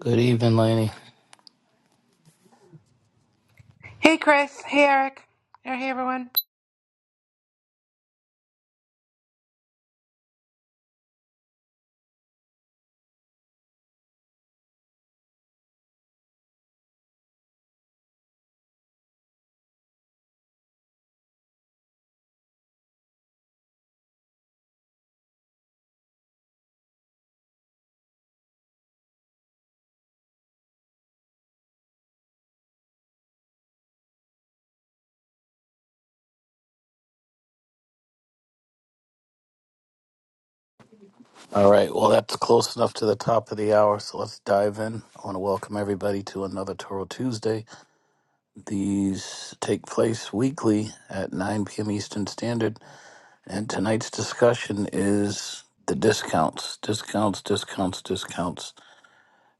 Good evening, Laney. Hey, Chris. Hey, Eric. Or Hey, everyone. All right, well, that's close enough to the top of the hour, so let's dive in. I want to welcome everybody to another Toro Tuesday. These take place weekly at 9 p.m. Eastern Standard, and tonight's discussion is the discounts, discounts, discounts, discounts.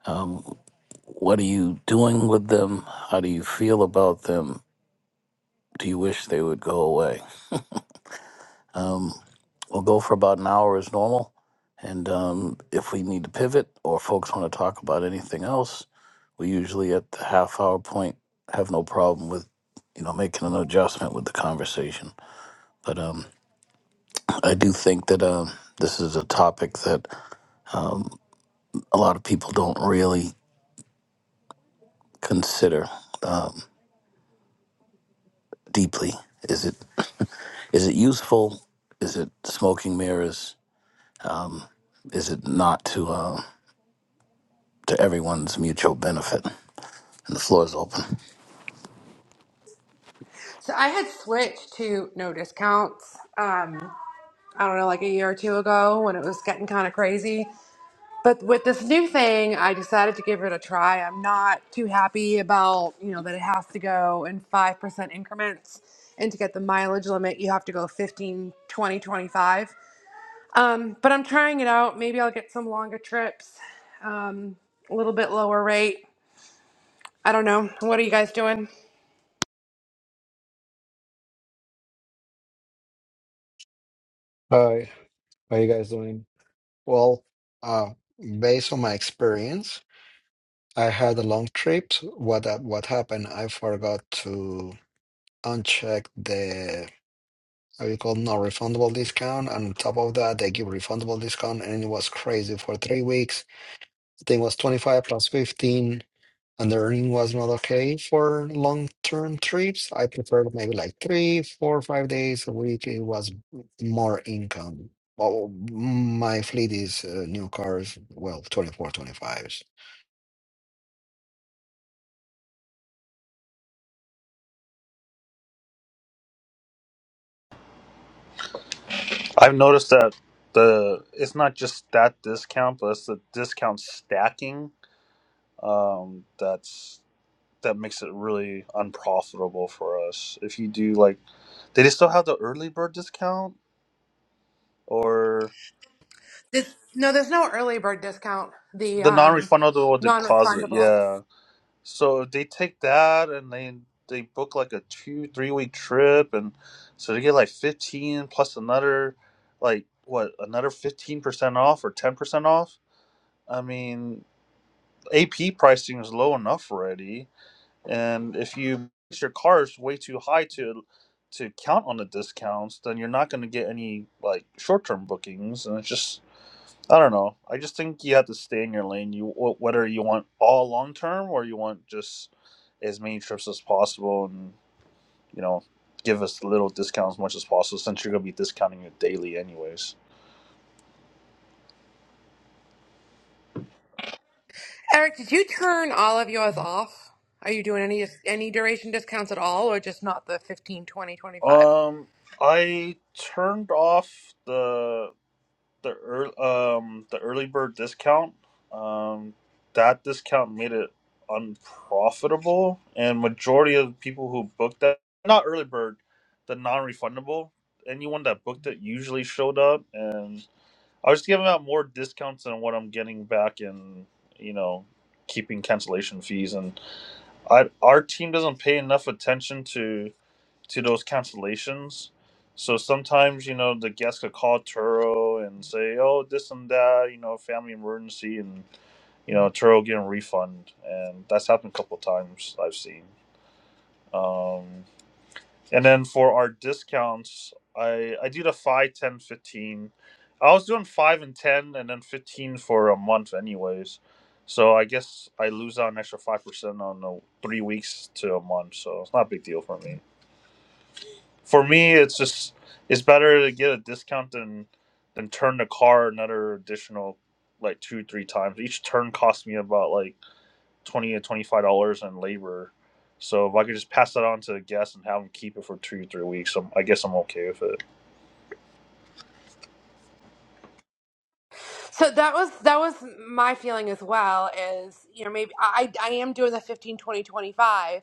Um, what are you doing with them? How do you feel about them? Do you wish they would go away? Um, we'll go for about an hour as normal. And um, if we need to pivot or folks want to talk about anything else, we usually at the half hour point have no problem with, you know, making an adjustment with the conversation. But um, I do think that um, this is a topic that um, a lot of people don't really consider um, deeply. Is it is it useful? Is it smoking mirrors? Is it not to uh, to everyone's mutual benefit? And the floor is open. So I had switched to no discounts. Um, I don't know, like a year or two ago when it was getting kind of crazy. But with this new thing, I decided to give it a try. I'm not too happy about you know that it has to go in five percent increments, and to get the mileage limit, you have to go 15, 20, 25. Um, but I'm trying it out. Maybe I'll get some longer trips, um, a little bit lower rate. I don't know. What are you guys doing? Hi, how you guys doing? Well, uh, based on my experience, I had a long trip. What uh, what happened? I forgot to uncheck the how you call non-refundable discount, and on top of that, they give refundable discount, and it was crazy for three weeks. I think it was 25 plus 15. and the earning was not okay for long term trips. I preferred maybe like three, four, five days a week. It was more income. Well, my fleet is uh, new cars, well, 24, 25. I've noticed that the it's not just that discount, but it's the discount stacking um, that's that makes it really unprofitable for us. If you do like, they still have the early bird discount or There's, no, there's no early bird discount. The the um, non-refundable deposit? non-refundable. Yeah. So if they take that and they they book like a two three week trip, and so they get like fifteen plus another like what another fifteen percent off or ten percent off. I mean, AP pricing is low enough already, and if you price your cars way too high to to count on the discounts, then you're not going to get any like short term bookings, and it's just I don't know. I just think you have to stay in your lane. You whether you want all long term or you want just as many trips as possible, and you know give us little discounts as much as possible since you're going to be discounting it daily anyways. Eric, did you turn all of yours off? Are you doing any any duration discounts at all, or just not the 15, 20, 25? Um, I turned off the the ear um the early bird discount. Um, that discount made it unprofitable, and majority of the people who booked that not early bird, the non-refundable. Anyone that booked it usually showed up, and I was giving out more discounts than what I'm getting back in you know keeping cancellation fees. And I our team doesn't pay enough attention to to those cancellations. So sometimes, you know, the guests could call Turo and say, oh, this and that, you know, family emergency, and, you know, Turo getting a refund. And that's happened a couple of times I've seen. Um, and then for our discounts, I, I do the 5, 10, 15. I was doing 5 and 10 and then 15 for a month, anyways. So I guess I lose out an extra 5% on the three weeks to a month. So it's not a big deal for me for me it's just it's better to get a discount than than turn the car another additional like two three times each turn costs me about like 20 to 25 dollars in labor so if i could just pass that on to the guests and have them keep it for two three weeks I'm, i guess i'm okay with it So that was that was my feeling as well. Is you know maybe I I am doing the 15 20 25,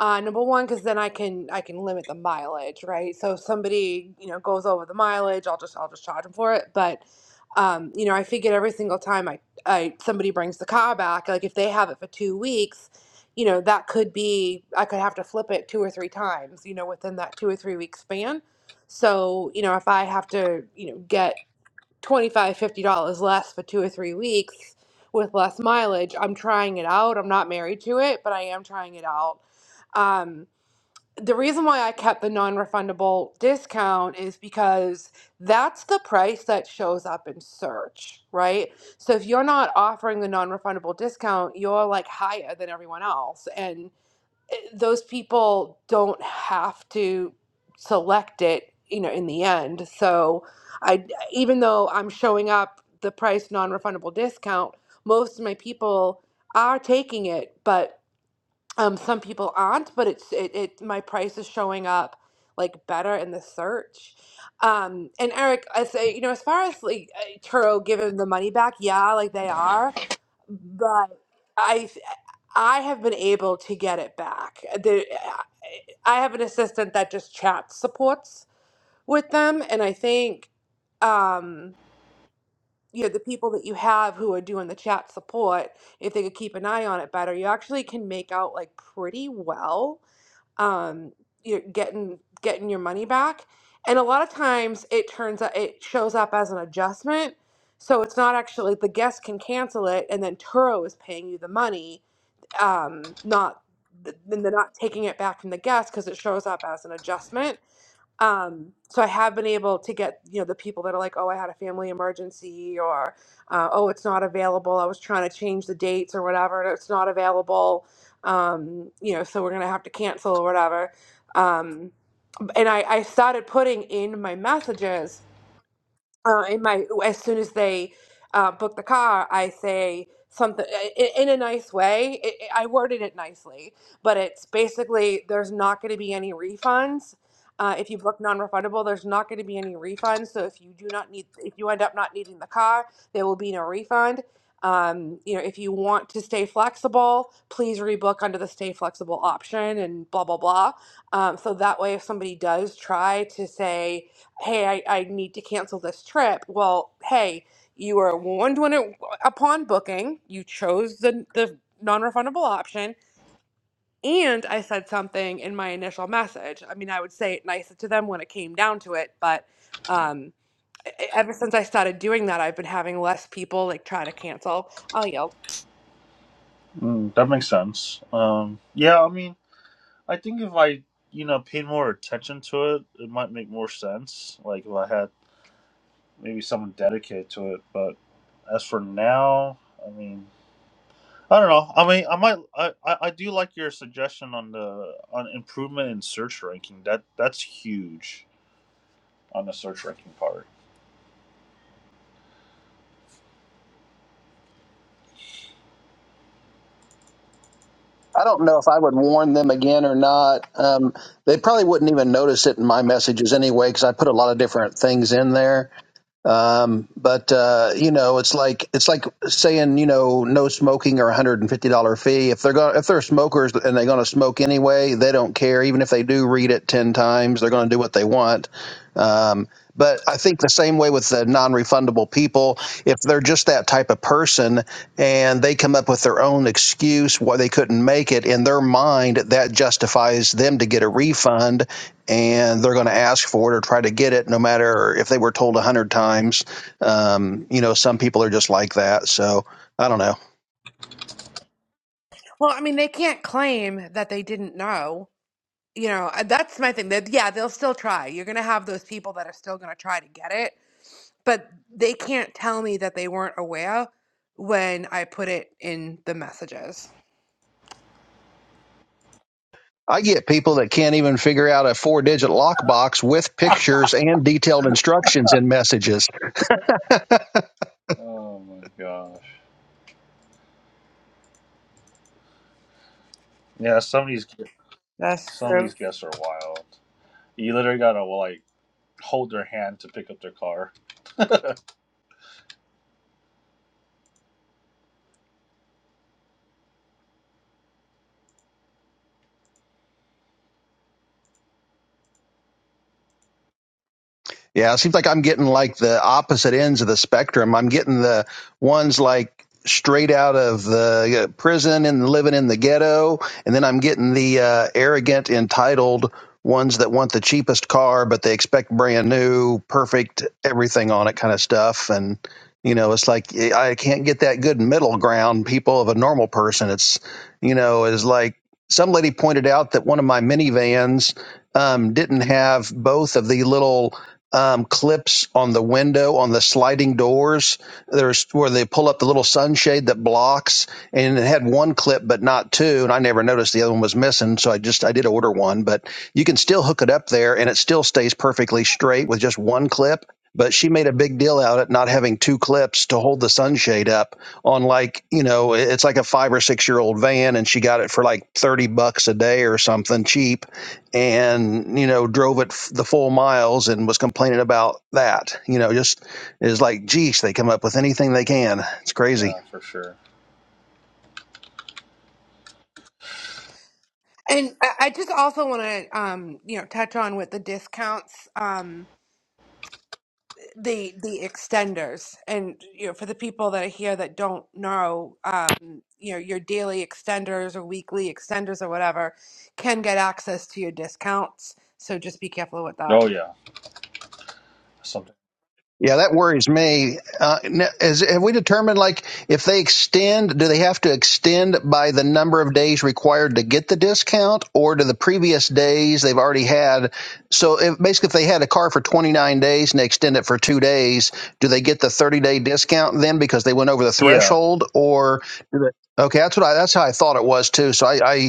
Uh, number one, because then I can I can limit the mileage, right? So if somebody you know goes over the mileage, I'll just I'll just charge them for it. But um, you know, I figured every single time I, I somebody brings the car back, like if they have it for two weeks, you know that could be I could have to flip it two or three times, you know, within that two or three week span. So you know, if I have to you know get 25 dollars, 50 dollars less for two or three weeks with less mileage i'm trying it out i'm not married to it but i am trying it out um, the reason why i kept the non-refundable discount is because that's the price that shows up in search right so if you're not offering the non-refundable discount you're like higher than everyone else and eh, those people don't have to select it you know in the end so i even though i'm showing up the price non-refundable discount most of my people are taking it but um some people aren't but it's it, it my price is showing up like better in the search um and eric i say you know as far as like uh, turo giving the money back yeah like they are but I I have been able to get it back. The, I have an assistant that just chat supports with them, and I think um, you know the people that you have who are doing the chat support, if they could keep an eye on it better, you actually can make out like pretty well um, you're getting getting your money back. And a lot of times it turns out it shows up as an adjustment. So it's not actually the guest can cancel it and then Turo is paying you the money, um, not then they're not taking it back from the guest because it shows up as an adjustment um, so I have been able to get you know the people that are like, oh, I had a family emergency, or uh, oh, it's not available. I was trying to change the dates or whatever, and it's not available. Um, you know, so we're gonna have to cancel or whatever. Um, and I, I started putting in my messages uh, in my as soon as they uh, book the car, I say something in, in a nice way. It, it- I worded it nicely, but it's basically there's not going to be any refunds. Uh, if you book non-refundable, there's not going to be any refunds. So if you do not need, if you end up not needing the car, there will be no refund. Um, you know, if you want to stay flexible, please rebook under the stay flexible option and blah blah blah. Um, so that way, if somebody does try to say, hey, I, I need to cancel this trip. Well, hey, you were warned when it upon booking, you chose the the non-refundable option, and I said something in my initial message. I mean, I would say it nicer to them when it came down to it, but um, e- e- ever since I started doing that, I've been having less people like try to cancel. I'll yield. mm, that makes sense um yeah i mean i think if i you know paid more attention to it it might make more sense like if i had maybe someone dedicated to it but as for now i mean I don't know. I mean, I might. I, I, I do like your suggestion on the on improvement in search ranking. That that's huge on the search ranking part. I don't know if I would warn them again or not. Um, they probably wouldn't even notice it in my messages anyway, because I put a lot of different things in there. Um, but uh, you know, it's like it's like saying you know no smoking or one hundred and fifty dollar fee. If they're going if they're smokers and they're going to smoke anyway, they don't care. Even if they do read it ten times, they're going to do what they want. Um, but I think the same way with the non refundable people. If they're just that type of person and they come up with their own excuse why they couldn't make it in their mind, that justifies them to get a refund and they're going to ask for it or try to get it no matter if they were told a hundred times um, you know some people are just like that so i don't know Well, I mean, they can't claim that they didn't know. You know, uh, that's my thing. That yeah, they'll still try. You're gonna have those people that are still gonna try to get it but they can't tell me that they weren't aware when I put it in the messages. i get people that can't even figure out a four digit lockbox with pictures and detailed instructions in messages Oh my gosh. Yeah, some of these That's some of true. these guests are wild. You literally gotta like hold their hand to pick up their car. Yeah, it seems like I'm getting like the opposite ends of the spectrum. I'm getting the ones like straight out of the uh, prison and living in the ghetto, and then I'm getting the uh, arrogant, entitled ones that want the cheapest car, but they expect brand new, perfect everything on it kind of stuff. And you know, it's like eh, I can't get that good middle ground. People of a normal person, it's you know, is like some lady pointed out that one of my minivans um, didn't have both of the little um, clips on the window on the sliding doors. There's where they pull up the little sunshade that blocks, and it had one clip but not two. And I never noticed the other one was missing, so I just I did order one. But you can still hook it up there, and it still stays perfectly straight with just one clip. But she made a big deal out of it not having two clips to hold the sunshade up on like you know it's like a five or six year old van, and she got it for like thirty bucks a day or something cheap and you know drove it f- the full miles and was complaining about that you know just is like geez they come up with anything they can it's crazy Yeah, for sure. And I I just also want to, um, you know, touch on with the discounts, um, the the extenders, and you know, for the people that are here that don't know, um, you know, your daily extenders or weekly extenders or whatever can get access to your discounts. So just be careful with that. Oh yeah, something. Yeah, that worries me. Uh, is, have we determined, like, if they extend, do they have to extend by the number of days required to get the discount, or do the previous days they've already had? So if, basically, if they had a car for 29 days and they extend it for two days, do they get the 30 day discount then because they went over the Yeah. threshold, or? do they- Okay, that's what I. That's how I thought it was too. So I, I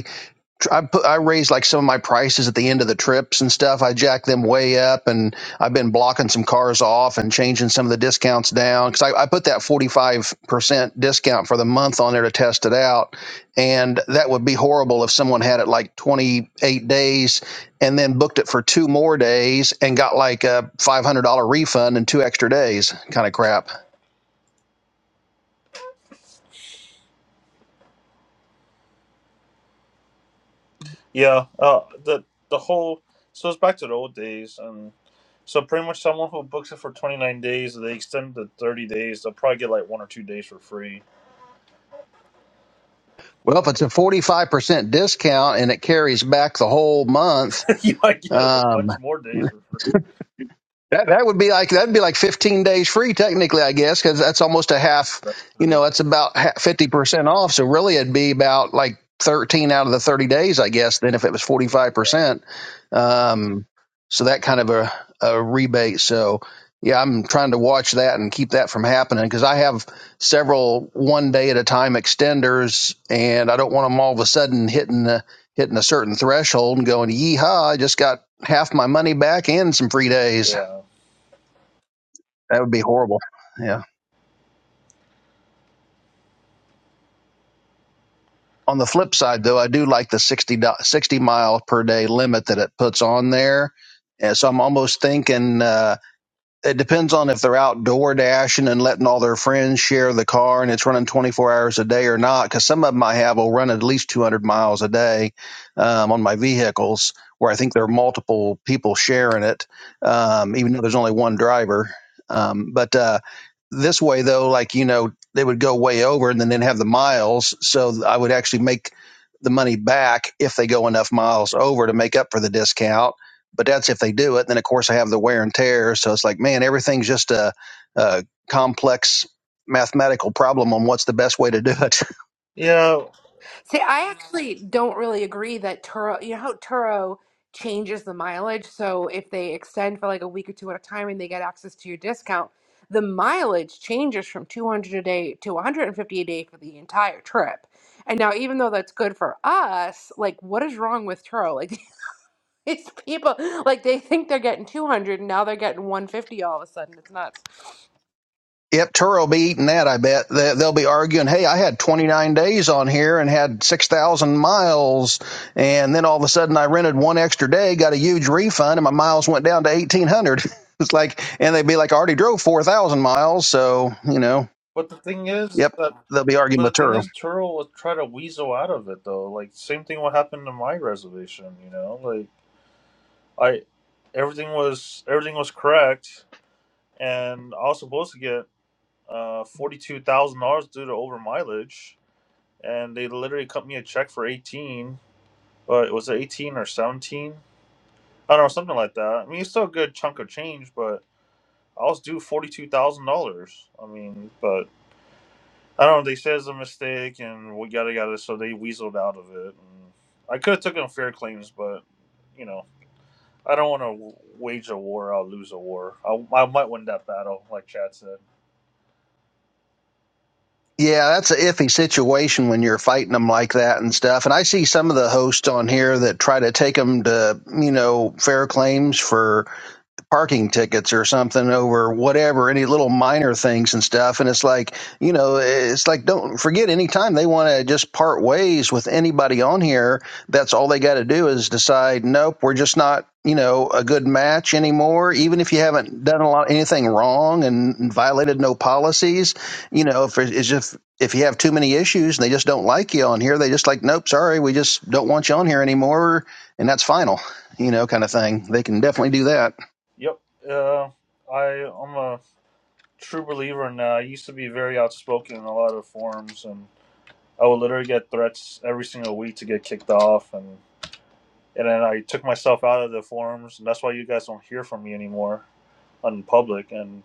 I put I raised like some of my prices at the end of the trips and stuff. I jacked them way up, and I've been blocking some cars off and changing some of the discounts down because I, I put that forty five percent discount for the month on there to test it out, and that would be horrible if someone had it like twenty eight days and then booked it for two more days and got like a five hundred dollar refund and two extra days kind of crap. Yeah, uh, the the whole so it's back to the old days, and so pretty much someone who books it for twenty nine days, they extend it to thirty days. They'll probably get like one or two days for free. Well, if it's a forty five percent discount and it carries back the whole month. you might get a um, bunch more days for free. That that would be like that'd be like 15 days free technically, I guess, because that's almost a half. That's You true. know, that's about fifty percent off. So really, it'd be about like 13 out of the 30 days, I guess. Then if it was 45 Yeah, percent, um, so that kind of a, a rebate. So yeah, I'm trying to watch that and keep that from happening because I have several one day at a time extenders, and I don't want them all of a sudden hitting the hitting a certain threshold and going, yeehaw, I just got half my money back and some free days. yeah, That would be horrible. Yeah. On the flip side, though, I do like the 60, do- 60 mile per day limit that it puts on there. And so I'm almost thinking uh, It depends on if they're outdoor dashing and letting all their friends share the car and it's running 24 hours a day or not. Because some of them I have will run at least 200 miles a day um, on my vehicles, where I think there are multiple people sharing it, um, even though there's only one driver. Um, but uh, this way, though, like, you know, they would go way over and then they'd have the miles. So I would actually make the money back if they go enough miles over to make up for the discount but that's if they do it. And then of course I have the wear and tear. So it's like, man, everything's just a, a complex mathematical problem on what's the best way to do it. yeah. See, I actually don't really agree that Turo, you know how Turo changes the mileage? So if they extend for like a week or two at a time and they get access to your discount, the mileage changes from 200 a day to 150 a day for the entire trip. And now, even though that's good for us, like, what is wrong with Turo? Like, these people, like, they think they're getting 200 and now they're getting 150 all of a sudden. It's nuts. Yep, Turo will be eating that. I bet They- they'll be arguing. Hey, I had 29 days on here and had 6,000 miles, and then all of a sudden I rented one extra day, got a huge refund, and my miles went down to 1,800. it's like, and they'd be like, I already drove 4,000 miles, so you know, But the thing is yep, that, they'll be arguing but the with Turo. thing is, Turo will try to weasel out of it though. Like same thing what happened to my reservation. You know, like I, everything was everything was correct, and I was supposed to get uh, forty-two thousand dollars due to over mileage, and they literally cut me a check for eighteen. But it was eighteen or seventeen. I don't know, something like that. I mean, it's still a good chunk of change, but I was due forty-two thousand dollars. I mean, but I don't know. They said it's a mistake, and we yada yada. So they weaseled out of it. And I could have taken fair claims, but you know, I don't want to wage a war. I'll lose a war. I, I might win that battle, like Chad said. Yeah, that's an iffy situation when you're fighting them like that and stuff. And I see some of the hosts on here that try to take them to, you know, fair claims for parking tickets or something over whatever, any little minor things and stuff. And it's like, you know, it's like, don't forget anytime they want to just part ways with anybody on here, that's all they got to do is decide, nope, we're just not, you know, a good match Yep. anymore. Even if you haven't done a lot, anything wrong and violated no policies, you know, if it's just, if you have too many issues and they just don't like you on here, they just like, nope, sorry, we just don't want you on here anymore. And that's final, you know, kind of thing. They can definitely do that. Yep. Uh, I I'm a true believer and uh, I used to be very outspoken in a lot of forums and I would literally get threats every single week to get kicked off and and then I took myself out of the forums and that's why you guys don't hear from me anymore on public and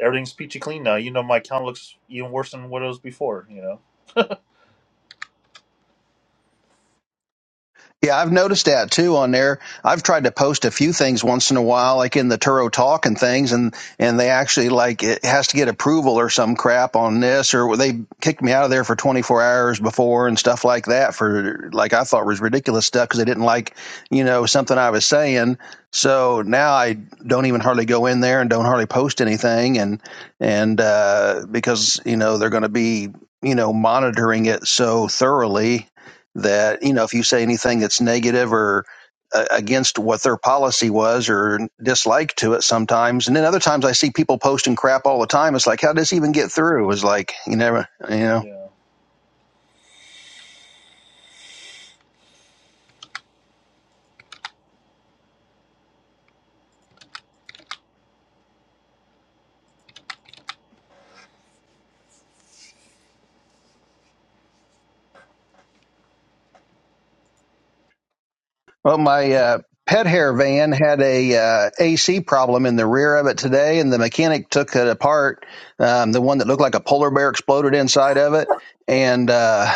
everything's peachy clean now. You know my account looks even worse than what it was before, you know? Yeah, I've noticed that too on there. I've tried to post a few things once in a while, like in the Turo Talk and things, and and they actually like it has to get approval or some crap on this, or they kicked me out of there for 24 hours before and stuff like that for like I thought was ridiculous stuff because they didn't like you know something I was saying. So now I don't even hardly go in there and don't hardly post anything, and and uh, because you know they're going to be you know monitoring it so thoroughly that you know if you say anything that's negative or uh, against what their policy was or dislike to it sometimes and then other times i see people posting crap all the time it's like how does this even get through it's like you never you know Yeah. Well, my uh, pet hair van had a uh, AC problem in the rear of it today, and the mechanic took it apart. Um, the one that looked like a polar bear exploded inside of it, and uh,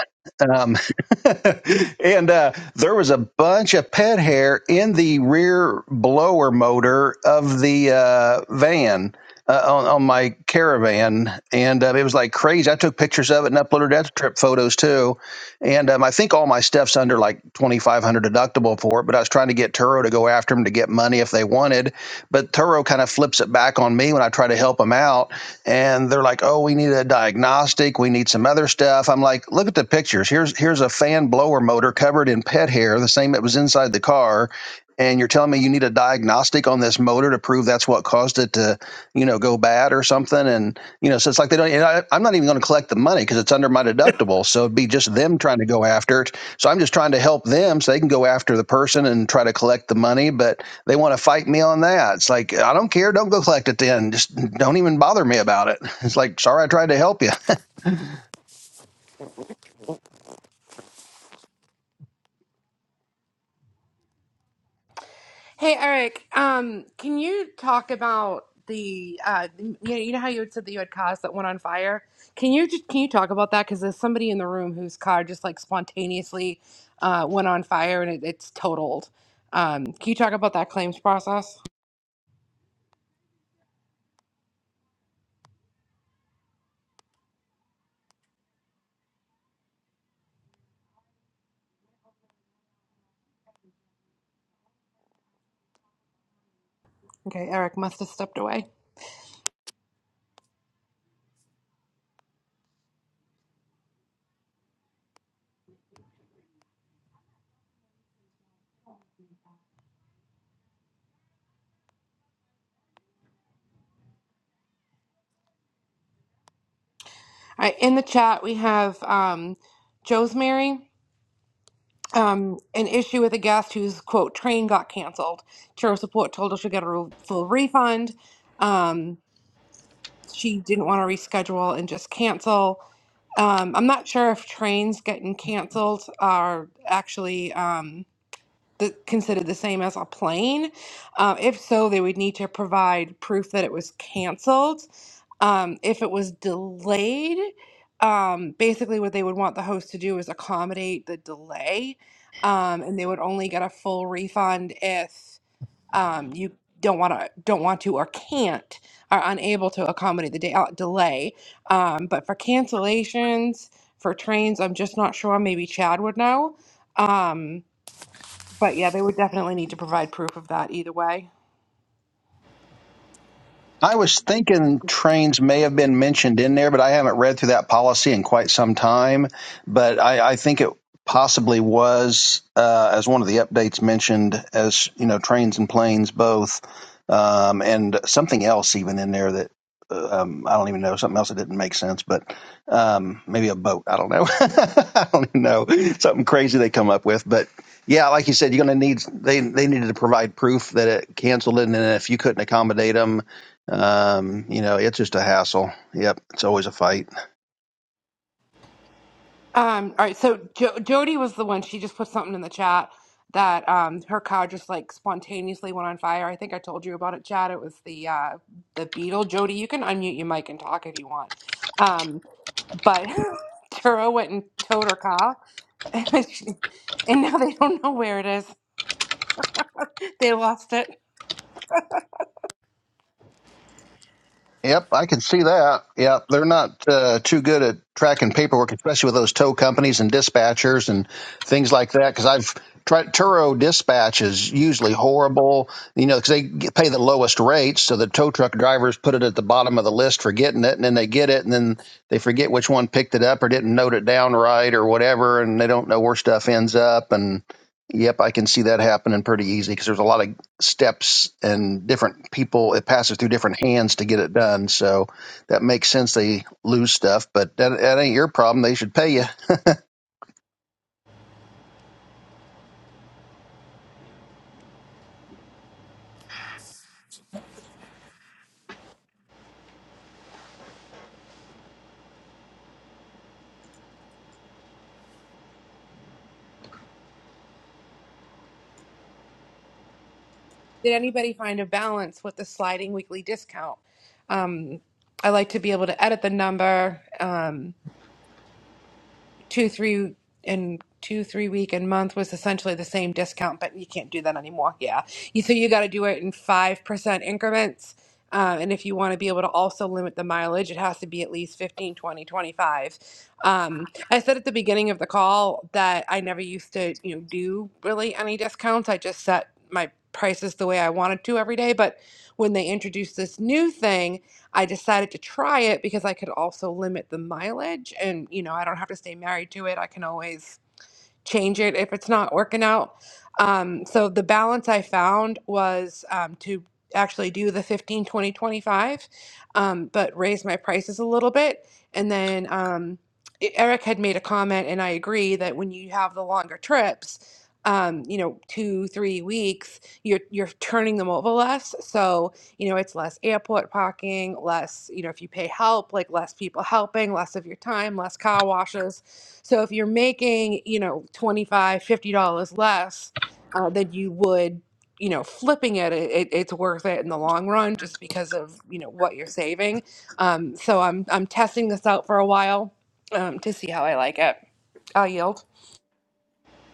um, and uh, there was a bunch of pet hair in the rear blower motor of the uh, van. Uh, on, on my caravan, and uh, it was like crazy. I took pictures of it and uploaded that to trip photos too and um, I think all my stuff's under like twenty five hundred deductible for it. But I was trying to get Turo to go after them to get money if they wanted. But Turo kind of flips it back on me when I try to help them out, and they're like, "Oh, we need a diagnostic. We need some other stuff." I'm like, "Look at the pictures. Here's here's a fan blower motor covered in pet hair, the same that was inside the car." And you're telling me you need a diagnostic on this motor to prove that's what caused it to, you know, go bad or something. And you know, so it's like they don't. And I, I'm not even going to collect the money because it's under my deductible. So it'd be just them trying to go after it. So I'm just trying to help them so they can go after the person and try to collect the money. But they want to fight me on that. It's like I don't care. Don't go collect it then. Just don't even bother me about it. It's like sorry, I tried to help you. Hey Eric, um, can you talk about the uh, you know, you know how you had said that you had cars that went on fire? Can you just can you talk about that? Because there's somebody in the room whose car just like spontaneously uh, went on fire and it, it's totaled. Um, can you talk about that claims process? Okay, Eric must have stepped away. All right, in the chat we have um, Joe's Mary. Um, an issue with a guest whose quote train got canceled. Churro support told her she'll get a re- full refund. Um, she didn't want to reschedule and just cancel. Um, I'm not sure if trains getting canceled are actually um, the, considered the same as a plane. Uh, if so, they would need to provide proof that it was canceled. Um, if it was delayed, um, basically what they would want the host to do is accommodate the delay, um, and they would only get a full refund if um, you don't want to don't want to or can't are unable to accommodate the day out delay um, but for cancellations for trains i'm just not sure maybe chad would know um, but yeah they would definitely need to provide proof of that either way I was thinking trains may have been mentioned in there, but I haven't read through that policy in quite some time. But I, I think it possibly was uh, as one of the updates mentioned as you know trains and planes both, um, and something else even in there that uh, um, I don't even know something else that didn't make sense, but um, maybe a boat. I don't know. I don't even know something crazy they come up with, but. Yeah, like you said, you're going to need they they needed to provide proof that it canceled it, and then if you couldn't accommodate them, um, you know, it's just a hassle. Yep, it's always a fight. Um, all right, so jo- Jody was the one. She just put something in the chat that um her car just like spontaneously went on fire. I think I told you about it, Chad. It was the uh the Beetle. Jody, you can unmute your mic and talk if you want. Um, but Turo went and towed her car, and, she, and now they don't know where it is. They lost it. Yep, I can see that. Yep, they're not uh, too good at tracking paperwork, especially with those tow companies and dispatchers and things like that. Because I've tried Turo dispatch is usually horrible, you know, because they get- pay the lowest rates, so the tow truck drivers put it at the bottom of the list for getting it, and then they get it, and then they forget which one picked it up or didn't note it down right or whatever, and they don't know where stuff ends up and Yep, I can see that happening pretty easy because there's a lot of steps and different people it passes through different hands to get it done so that makes sense they lose stuff but that, that ain't your problem they should pay you Did anybody find a balance with the sliding weekly discount? Um, I like to be able to edit the number. Um, two three and two three week and month was essentially the same discount but you can't do that anymore yeah you, so you got to do it in 5% increments um, and if you want to be able to also limit the mileage it has to be at least 15, 20, 25. um, i said at the beginning of the call that i never used to you know do really any discounts i just set my prices the way i wanted to every day but when they introduced this new thing I decided to try it because I could also limit the mileage and, you know, I don't have to stay married to it. I can always change it if it's not working out. Um, so the balance I found was um, to actually do the 15, 20, 25, um, but raise my prices a little bit. And then um, E- Eric had made a comment, and I agree that when you have the longer trips, um, you know, two, three weeks, you're you're turning them over less. So you know, it's less airport parking, less, you know, if you pay help, like less people helping, less of your time, less car washes. So if you're making, you know, twenty five, fifty dollars less uh, than you would, you know, flipping it, it, it- it's worth it in the long run just because of, you know, what you're saving. Um, so I'm, I'm testing this out for a while um, to see how I like it. I'll yield.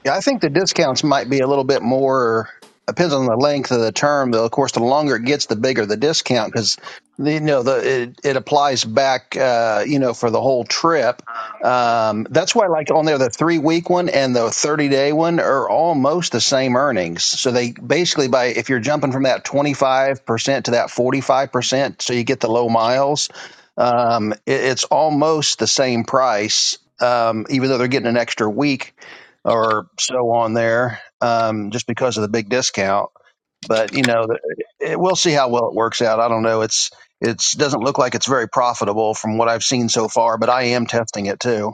Yeah, I think the discounts might be a little bit more depends on the length of the term. Though, of course, the longer it gets, the bigger the discount because you know the it, it applies back uh, you know for the whole trip. Um, that's why, like on there, the three week one and the thirty day one are almost the same earnings. So they basically by if you're jumping from that twenty five percent to that forty five percent, so you get the low miles. Um, it, it's almost the same price, um, even though they're getting an extra week or so on there um, just because of the big discount. But you know, it, we'll see how well it works out. I don't know. It's it's doesn't look like it's very profitable from what I've seen so far, but I am testing it too.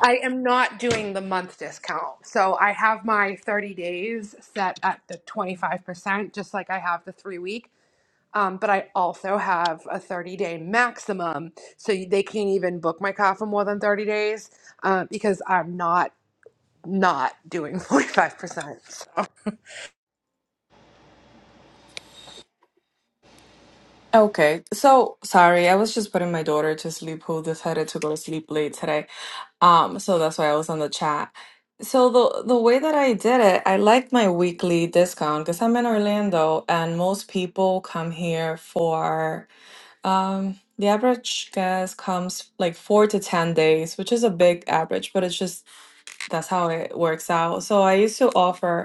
I am not doing the month discount. So I have my 30 days set at the 25%, just like I have the three week. Um, but I also have a 30 day maximum. So you- they can't even book my car for more than 30 days uh, because I'm not not doing 45%. So, Okay, so sorry, I was just putting my daughter to sleep who decided to go to sleep late today. Um, so that's why I was on the chat. So the the way that I did it, I liked my weekly discount because I'm in Orlando and most people come here for um the average guest comes like four to ten days, which is a big average, but it's just that's how it works out. So I used to offer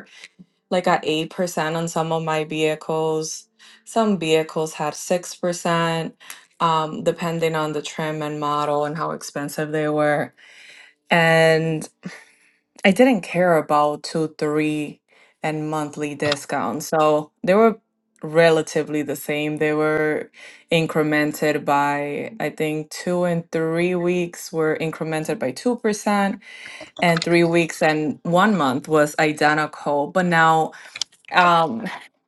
like at 8% on some of my vehicles. Some vehicles had 6%, um, depending on the trim and model and how expensive they were. And I didn't care about two, three, and monthly discounts. So they were relatively the same. They were incremented by, I think, two and three weeks were incremented by 2%, and three weeks and one month was identical. But now um,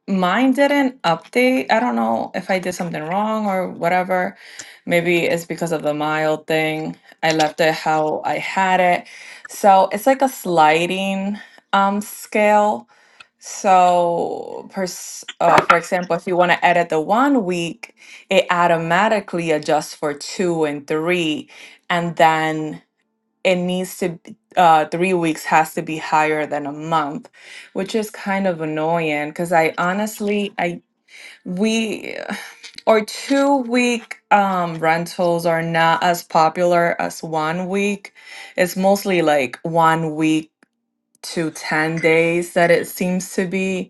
mine didn't update. I don't know if I did something wrong or whatever. Maybe it's because of the mild thing. I left it how I had it. So it's like a sliding um scale. So, pers uh, for example, if you want to edit the one week, it automatically adjusts for two and three, and then it needs to b- uh, three weeks has to be higher than a month which is kind of annoying because i honestly i we or two week um, rentals are not as popular as one week it's mostly like one week to 10 days that it seems to be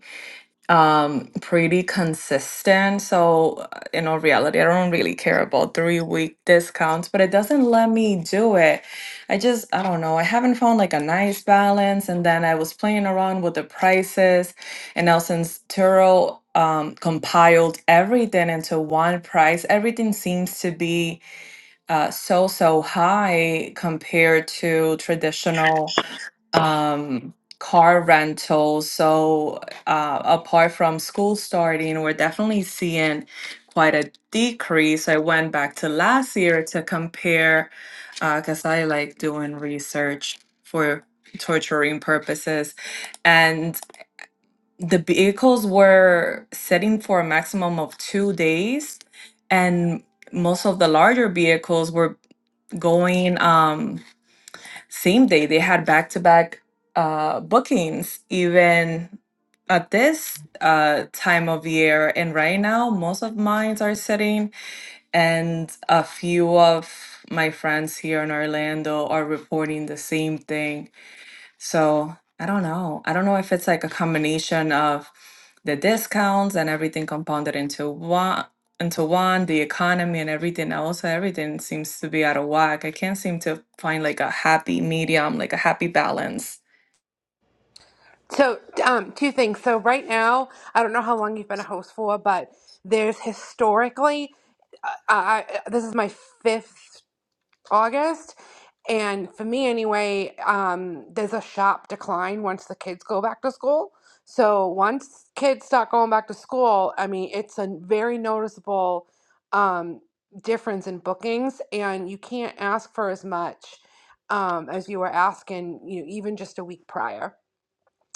um pretty consistent so uh, in all reality i don't really care about three week discounts but it doesn't let me do it i just i don't know i haven't found like a nice balance and then i was playing around with the prices and now since turo um, compiled everything into one price everything seems to be uh, so so high compared to traditional um, car rental. So, uh, apart from school starting, we're definitely seeing quite a decrease. I went back to last year to compare, because I like doing research for torturing purposes. And the vehicles were sitting for a maximum of two days, and most of the larger vehicles were going. Um, same day they had back to back uh bookings even at this uh time of year and right now most of mines are sitting and a few of my friends here in Orlando are reporting the same thing so I don't know. I don't know if it's like a combination of the discounts and everything compounded into one, into one, the economy and everything else. so Everything seems to be out of whack. I can't seem to find like a happy medium, like a happy balance. so um, two things. So right now, I don't know how long you've been a host for, but there's historically uh, I, I this is my fifth August. And for me, anyway, um, there's a sharp decline once the kids go back to school. So once kids start going back to school, I mean, it's a very noticeable um, difference in bookings, and you can't ask for as much um, as you were asking, you know, even just a week prior.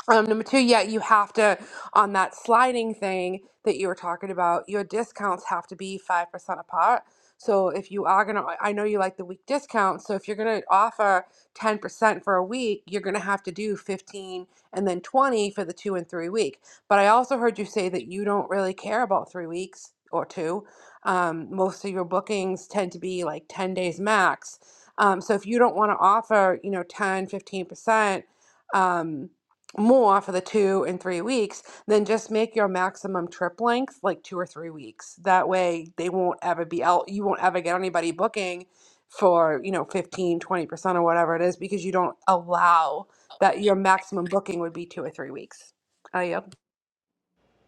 Um, number two, yeah, you have to, on that sliding thing that you were talking about, your discounts have to be 5% apart. So if you are going to, I know you like the week discounts. So if you're going to offer 10% for a week, you're going to have to do 15 and then 20 for the two and three week. But I also heard you say that you don't really care about three weeks or two. Um, most of your bookings tend to be like 10 days max. Um, so if you don't want to offer, you know, ten fifteen percent um, more for the two and three weeks, then just make your maximum trip length like two or three weeks. That way they won't ever be out, you won't ever get anybody booking for, you know, fifteen, twenty percent or whatever it is because you don't allow that your maximum booking would be two or three weeks. Uh, yep.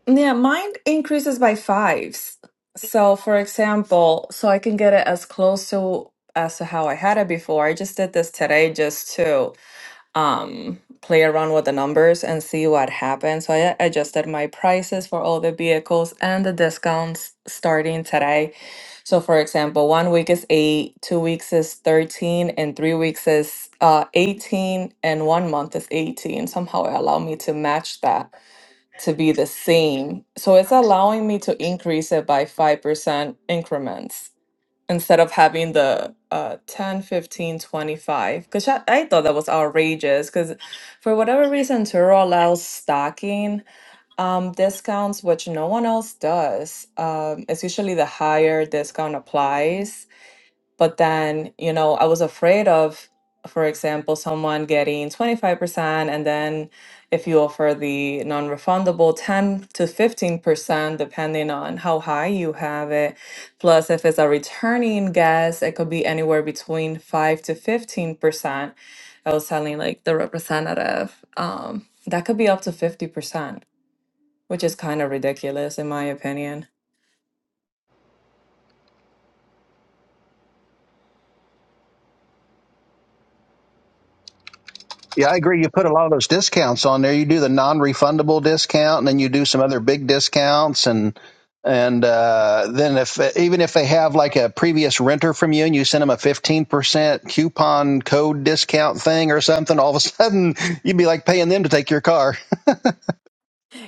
Yeah, mine increases by fives. So, for example, so I can get it as close to as to how I had it before. I just did this today just to um play around with the numbers and see what happens. So I adjusted my prices for all the vehicles and the discounts starting today. So for example, one week is 8, 2 weeks is 13 and 3 weeks is uh 18 and 1 month is 18. Somehow it allowed me to match that to be the same. So it's allowing me to increase it by 5% increments instead of having the uh 10 15 25, because I, I thought that was outrageous because for whatever reason turo allows stocking um discounts which no one else does um it's usually the higher discount applies but then, you know, I was afraid of, for example, someone getting 25%, and then if you offer the non refundable 10 to 15%, depending on how high you have it. Plus, if it's a returning guest, it could be anywhere between 5 to 15%. I was telling like the representative, um, that could be up to 50%, which is kind of ridiculous in my opinion. Yeah, I agree. You put a lot of those discounts on there. You do the non-refundable discount, and then you do some other big discounts, and and uh, then if even if they have like a previous renter from you, and you send them a fifteen percent coupon code discount thing or something, all of a sudden you'd be like paying them to take your car.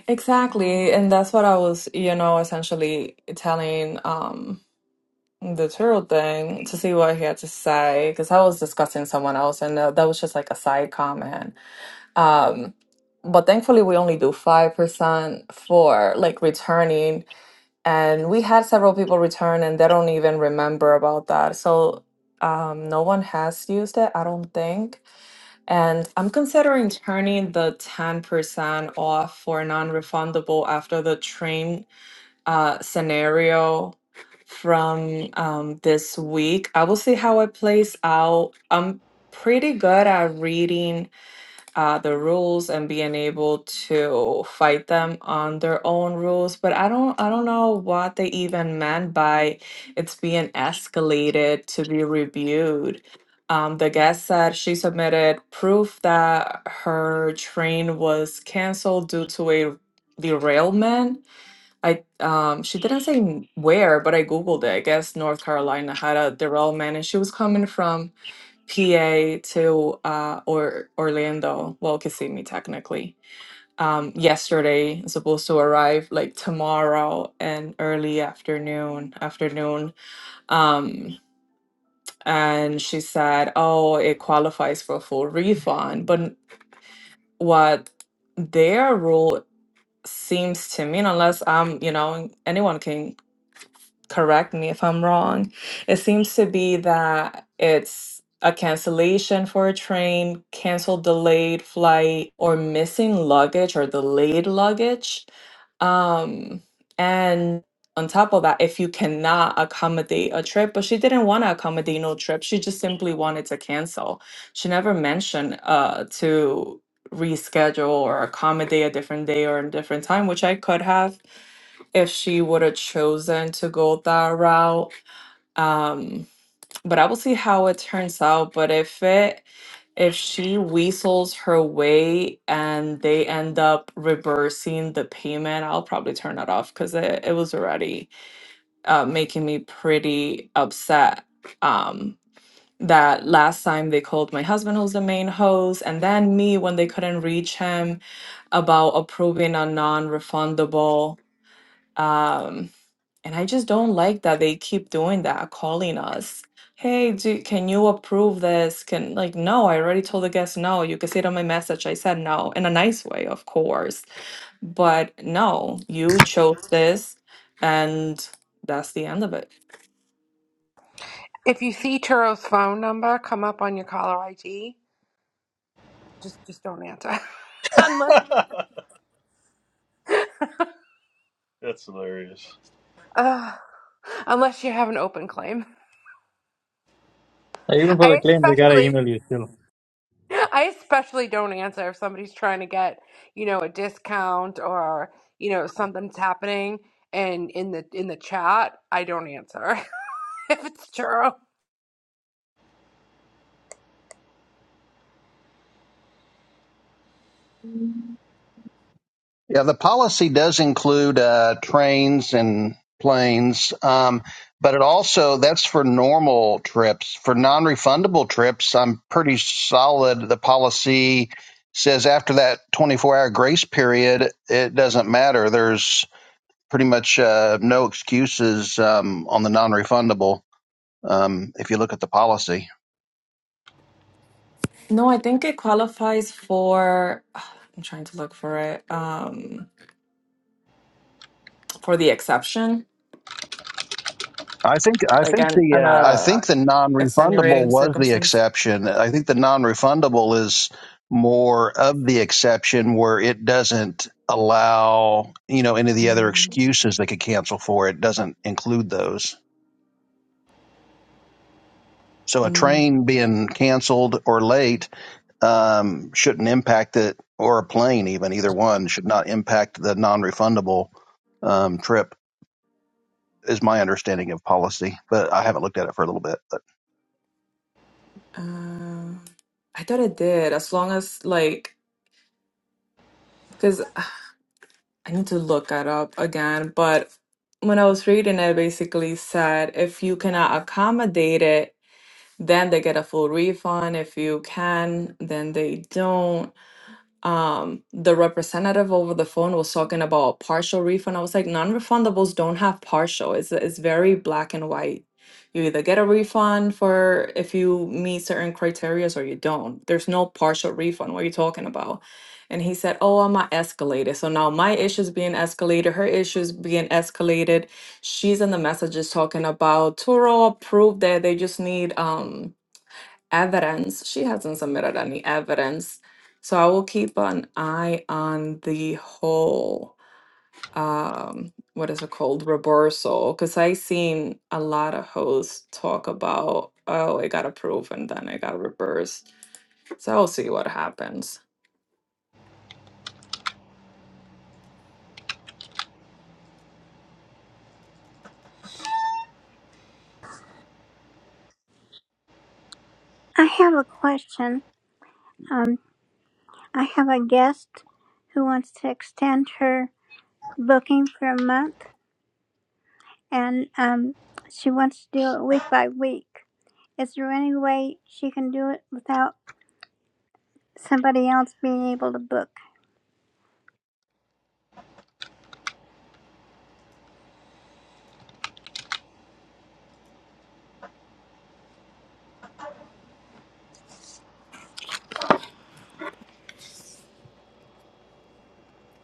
Exactly, and that's what I was, you know, essentially telling um the turtle thing to see what he had to say because I was discussing someone else, and that, that was just like a side comment. Um, but thankfully, we only do five percent for like returning, and we had several people return, and they don't even remember about that. So, um, no one has used it, I don't think. And I'm considering turning the 10% off for non-refundable after the train uh, scenario from um, this week. I will see how it plays out. I'm pretty good at reading uh, the rules and being able to fight them on their own rules. But I don't I don't know what they even meant by it's being escalated to be reviewed. Um, the guest said she submitted proof that her train was canceled due to a derailment. I um, she didn't say where, but I googled it. I guess North Carolina had a derailment, and she was coming from PA to uh, or Orlando, well, Kissimmee technically, um, yesterday. It's supposed to arrive like tomorrow and early afternoon. Afternoon. Um, and she said, "Oh, it qualifies for full refund." But what their rule seems to mean, unless I'm, you know, anyone can correct me if I'm wrong. It seems to be that it's a cancellation for a train, canceled delayed flight, or missing luggage or delayed luggage. Um, and on top of that, if you cannot accommodate a trip, but she didn't want to accommodate no trip, she just simply wanted to cancel. She never mentioned uh to reschedule or accommodate a different day or a different time, which I could have if she would have chosen to go that route. Um, but I will see how it turns out. But if it if she weasels her way and they end up reversing the payment, I'll probably turn it off because it, it was already uh, making me pretty upset. Um, that last time they called my husband, who's the main host, and then me when they couldn't reach him about approving a non refundable. And I just don't like that they keep doing that, calling us. Hey, do, can you approve this? Can like no, I already told the guest no. You can see it on my message. I said no in a nice way, of course. But no, you chose this and that's the end of it. If you see Turo's phone number come up on your caller ID, just just don't answer. unless that's hilarious. uh, unless you have an open claim. Like, Even for the I claim, they gotta especially email you still. I especially don't answer if somebody's trying to get, you know, a discount or, you know, something's happening and in the in the chat, I don't answer if it's true. Yeah, the policy does include uh, trains and planes, um, but it also that's for normal trips. For non-refundable trips, I'm pretty solid. The policy says after that 24-hour grace period, it doesn't matter. There's pretty much uh, no excuses um, on the non-refundable um, if you look at the policy. No, I think it qualifies for I'm trying to look for it. Um for the exception, I think I like think an the an uh, I uh think the non-refundable extenuating was the circumstance. exception. I think the non-refundable is more of the exception where it doesn't allow you know any of the other excuses they could cancel for. It doesn't include those. So a Um, train being canceled or late um, shouldn't impact it, or a plane even either one should not impact the non-refundable um, trip. Is my understanding of policy, but I haven't looked at it for a little bit. Um, I thought I did, as long as like, because I need to look that up again. But when I was reading it, basically said if you cannot accommodate it, then they get a full refund. If you can, then they don't. um the representative over the phone was talking about partial refund. I was like, non-refundables don't have partial. It's it's very black and white. You either get a refund for if you meet certain criteria or you don't. There's no partial refund. What are you talking about? And he said, Oh, I'm not escalated. So now my issue's being escalated, her issue's being escalated. She's in the messages talking about Turo approved that they just need um evidence. She hasn't submitted any evidence. So I will keep an eye on the whole um what is it called reversal because I seen a lot of hosts talk about oh it got approved and then it got reversed. So I'll see what happens. I have a question. Um, I have a guest who wants to extend her booking for a month, and um, she wants to do it week by week. Is there any way she can do it without somebody else being able to book?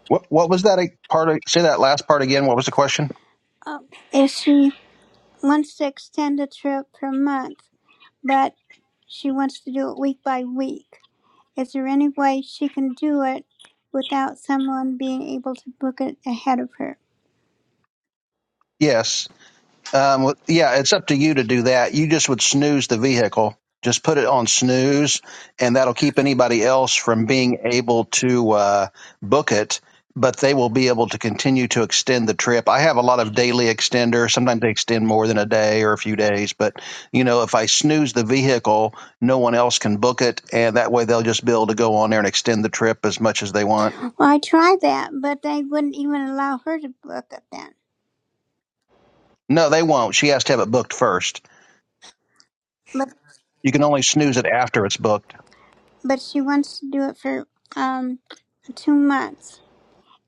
What what was that part? Of, say that last part again. What was the question? Um, if she wants to extend a trip per month, but she wants to do it week by week, is there any way she can do it without someone being able to book it ahead of her? Yes. Um, well, yeah, it's up to you to do that. You just would snooze the vehicle. Just put it on snooze, and that'll keep anybody else from being able to uh, book it. But they will be able to continue to extend the trip. I have a lot of daily extenders. Sometimes they extend more than a day or a few days. But you know, if I snooze the vehicle, no one else can book it, and that way they'll just be able to go on there and extend the trip as much as they want. Well, I tried that, but they wouldn't even allow her to book it then. No, they won't. She has to have it booked first. But You can only snooze it after it's booked. but she wants to do it for um two months.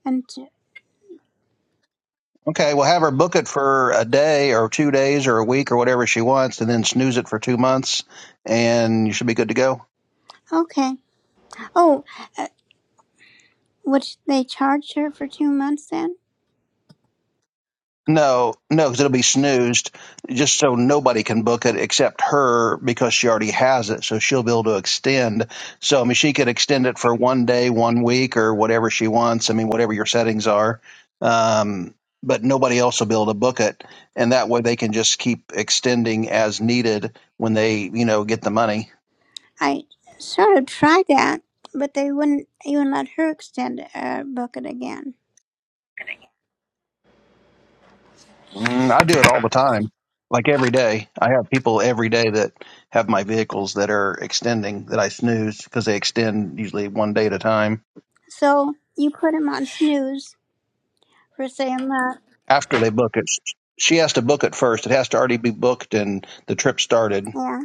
And t- Okay, well, have her book it for a day or two days or a week or whatever she wants, and then snooze it for two months, and you should be good to go. okay. Oh, uh, which they charged her for two months then. No, no, because it'll be snoozed just so nobody can book it except her because she already has it. So she'll be able to extend. So, I mean, she could extend it for one day, one week, or whatever she wants. I mean, whatever your settings are. Um, but nobody else will be able to book it. And that way they can just keep extending as needed when they, you know, get the money. I sort of tried that, but they wouldn't even let her extend uh, book it again. Mm, I do it all the time, like every day. I have people every day that have my vehicles that are extending that I snooze because they extend usually one day at a time. So you put him on snooze for say a month. After they book it, sh- she has to book it first. It has to already be booked and the trip started. Yeah.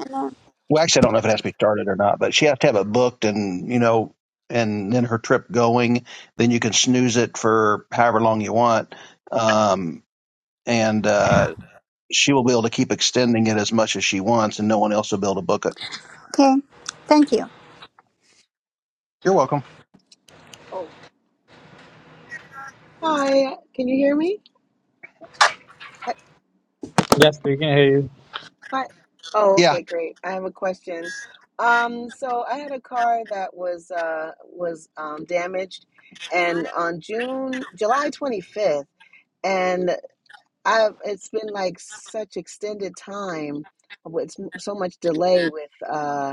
And then, Well, actually, I don't know if it has to be started or not, but she has to have it booked and, you know, and then her trip going. Then you can snooze it for however long you want. Um, and uh, she will be able to keep extending it as much as she wants and no one else will be able to book it. okay. Thank you. You're welcome. Oh, hi. Can you hear me? Hi. Yes, we can hear you. hi. Oh, Yeah, okay, great. I have a question. Um, so I had a car that was uh was um damaged and on June July 25th and I it's been like such extended time with so much delay with uh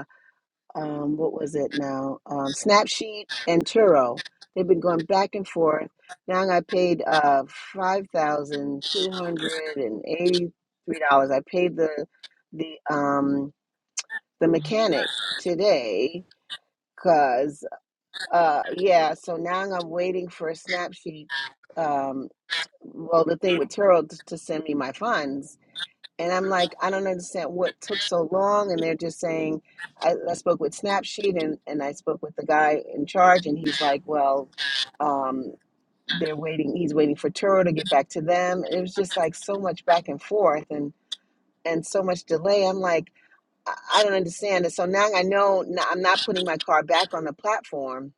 um, what was it now? Um, Snapsheet and Turo. They've been going back and forth. Now I paid uh, five thousand two hundred and eighty-three dollars. I paid the the um, the mechanic today because uh, yeah. So now I'm waiting for a Snapsheet. Um, well, the thing with Turo to, to send me my funds and I'm like, I don't understand what took so long. And they're just saying, I, I spoke with Snapsheet and, and I spoke with the guy in charge, and he's like, well, um, they're waiting. He's waiting for Turo to get back to them. And it was just like so much back and forth and, and so much delay. I'm like, I, I don't understand. And so now I know n- I'm not putting my car back on the platform.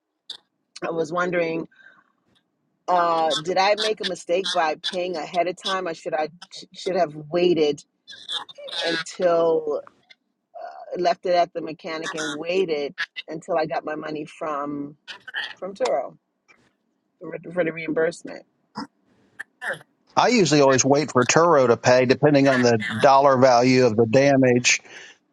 I was wondering, uh, did I make a mistake by paying ahead of time? I should I sh- should have waited until left it at the mechanic and waited until I got my money from from Turo for, for the reimbursement. I usually always wait for Turo to pay, depending on the dollar value of the damage.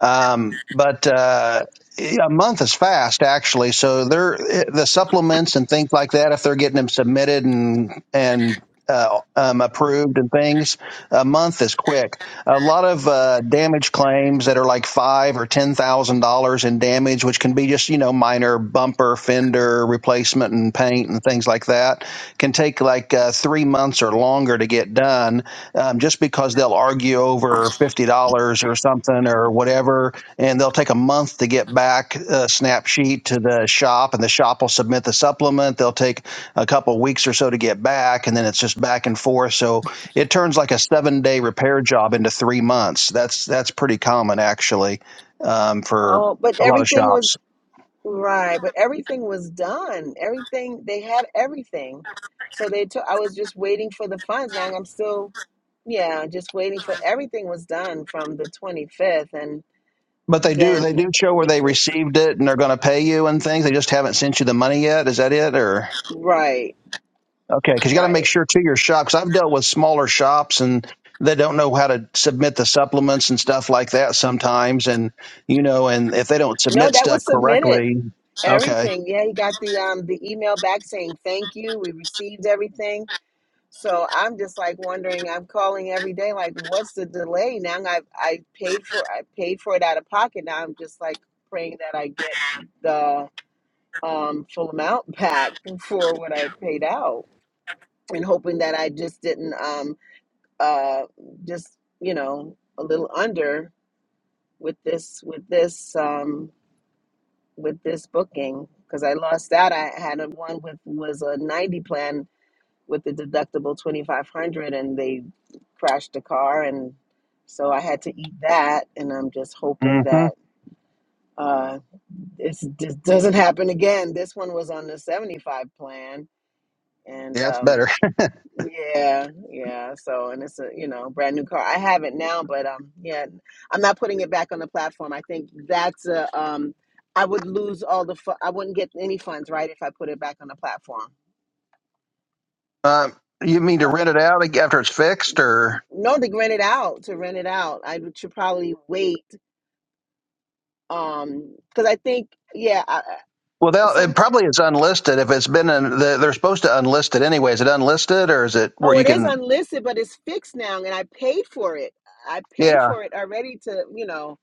Um, but uh, yeah, a month is fast, actually. So they're the supplements and things like that. If they're getting them submitted and and uh, um, approved and things, a month is quick. a lot of uh, damage claims that are like five or ten thousand dollars in damage, which can be just you know minor bumper, fender replacement, and paint and things like that. Can take like uh, three months or longer to get done, um, just because they'll argue over fifty dollars or something or whatever, and they'll take a month to get back a snap sheet to the shop, and the shop will submit the supplement. They'll take a couple weeks or so to get back, and then it's just back and forth. So it turns like a seven day repair job into three months. That's that's pretty common actually um, for Oh, but a lot of everything was shops. right, but everything was done. Everything they had everything. So they took I was just waiting for the funds and I'm still yeah, just waiting for everything was done from the 25th and But they do they then do show where they which is received it and they're going to pay you and things. They just haven't sent you the money yet. Is that it or right, okay? Because you got to make right. sure to your shop. Because I've dealt with smaller shops and they don't know how to submit the supplements and stuff like that sometimes. And you know, and if they don't No, submit that stuff was submitted. correctly, okay, Everything. Yeah, he got the um the email back saying thank you. We received everything So I'm just like wondering, I'm calling every day, like, what's the delay? Now i I paid for I paid for it out of pocket. Now I'm just like praying that I get the um full amount back for what I paid out and hoping that I just didn't um uh just, you know, a little under with this with this um with this booking because I lost that. I had a one with was a 90 plan with the deductible 2500 and they crashed the car and so i had to eat that and i'm just hmm hoping that yeah, uh this, this doesn't happen again this one was on the 75 plan and that's um better. yeah yeah so and it's a you know brand new car i have it now but um yeah i'm not putting it back on the platform i think that's a um i would lose all the fu- i wouldn't get any funds right if i put it back on the platform Um, you mean to but rent it out after it's fixed or? no to rent it out to rent it out i should probably wait um because i think yeah I, I- Well, they'll- some it probably is unlisted. If it's been, in, the, they're supposed to unlist it anyway. Is it unlisted or is it where oh you it is can? unlisted but it's fixed now and i paid for it i paid Yeah. for it already to you know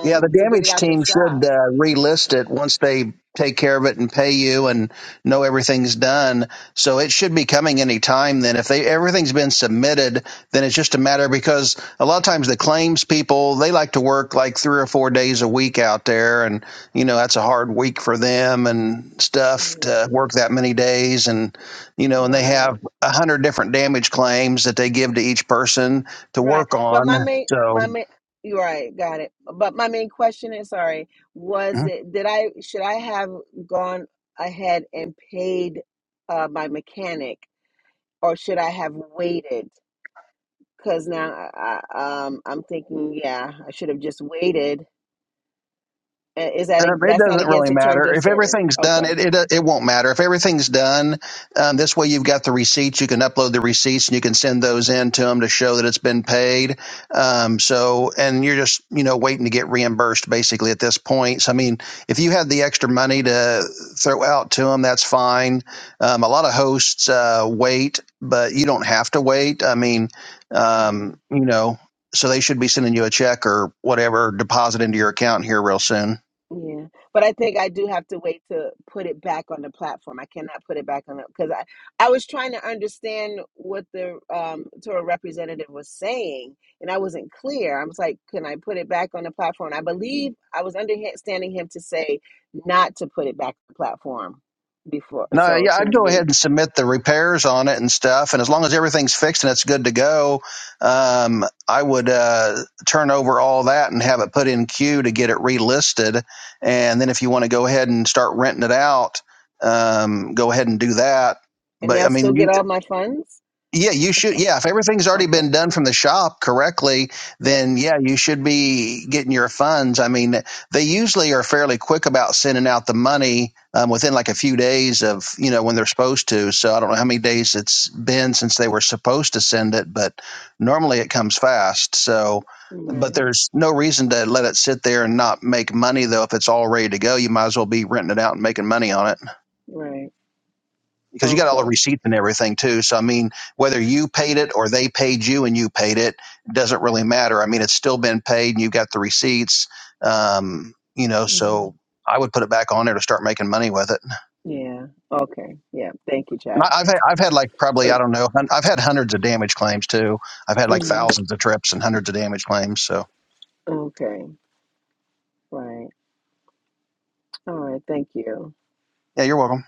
Yeah, the to get it damage out the team should shop uh, relist it once they take care of it and pay you and know everything's done. So it should be coming any time. Then, if they everything's been submitted, then it's just a matter because a lot of times the claims people they like to work like three or four days a week out there, and you know that's a hard week for them and stuff yeah to work that many days, and you know, and they right have a hundred different damage claims that they give to each person to right work but my on. main my So. main you're right got it but my main question is sorry was it did i should i have gone ahead and paid uh my mechanic or should i have waited Cause now I, I um I'm thinking, yeah, I should have just waited. Uh, Is that a, Um, it that's not doesn't against really the terms matter of if service? everything's done. Okay, It it it won't matter if everything's done. Um, this way, you've got the receipts. You can upload the receipts and you can send those in to them to show that it's been paid. Um, so, and you're just you know waiting to get reimbursed basically at this point. So, I mean, if you have the extra money to throw out to them, that's fine. Um, a lot of hosts uh, wait, but you don't have to wait. I mean, Yeah. um, you know, so they should be sending you a check or whatever deposit into your account here real soon. yeah, but I think I do have to wait to put it back on the platform. I cannot put it back on it because I I was trying to understand what the um Torah representative was saying, and I wasn't clear. I was like, can I put it back on the platform? I believe I was understanding him to say not to put it back on the platform before, No, so yeah, to I'd go ahead wait, and submit the repairs on it and stuff, and as long as everything's fixed and it's good to go, um, I would uh, turn over all that and have it put in queue to get it relisted. And then if you want to go ahead and start renting it out, um, go ahead and do that. and But I they'll still mean, you, get all my funds. yeah, you should. Yeah, if everything's already Okay. been done from the shop correctly, Yep. then yeah, you should be getting your funds. I mean, they usually are fairly quick about sending out the money um, within like a few days of you know when they're supposed to. So I don't know how many days it's been since they were supposed to send it, but normally it comes fast. So, but Right. there's no reason to let it sit there and not make money though. If it's all ready to go, you might as well be renting it out and making money on it Right. because you got all Okay. the receipts and everything too. So I mean, whether you paid it or they paid you and you paid it, it doesn't really matter. I mean, it's still been paid and you've got the receipts. Um, you know, hmm so I would put it back on there to start making money with it. Yeah. Okay. Yeah. Thank you, And Chad. I, I've had, I've had like probably I So. don't know hun- I've had hundreds of damage claims too. I've had like mhm, thousands of trips and hundreds of damage claims. So Okay. Right. All right. Thank you. yeah, you're welcome.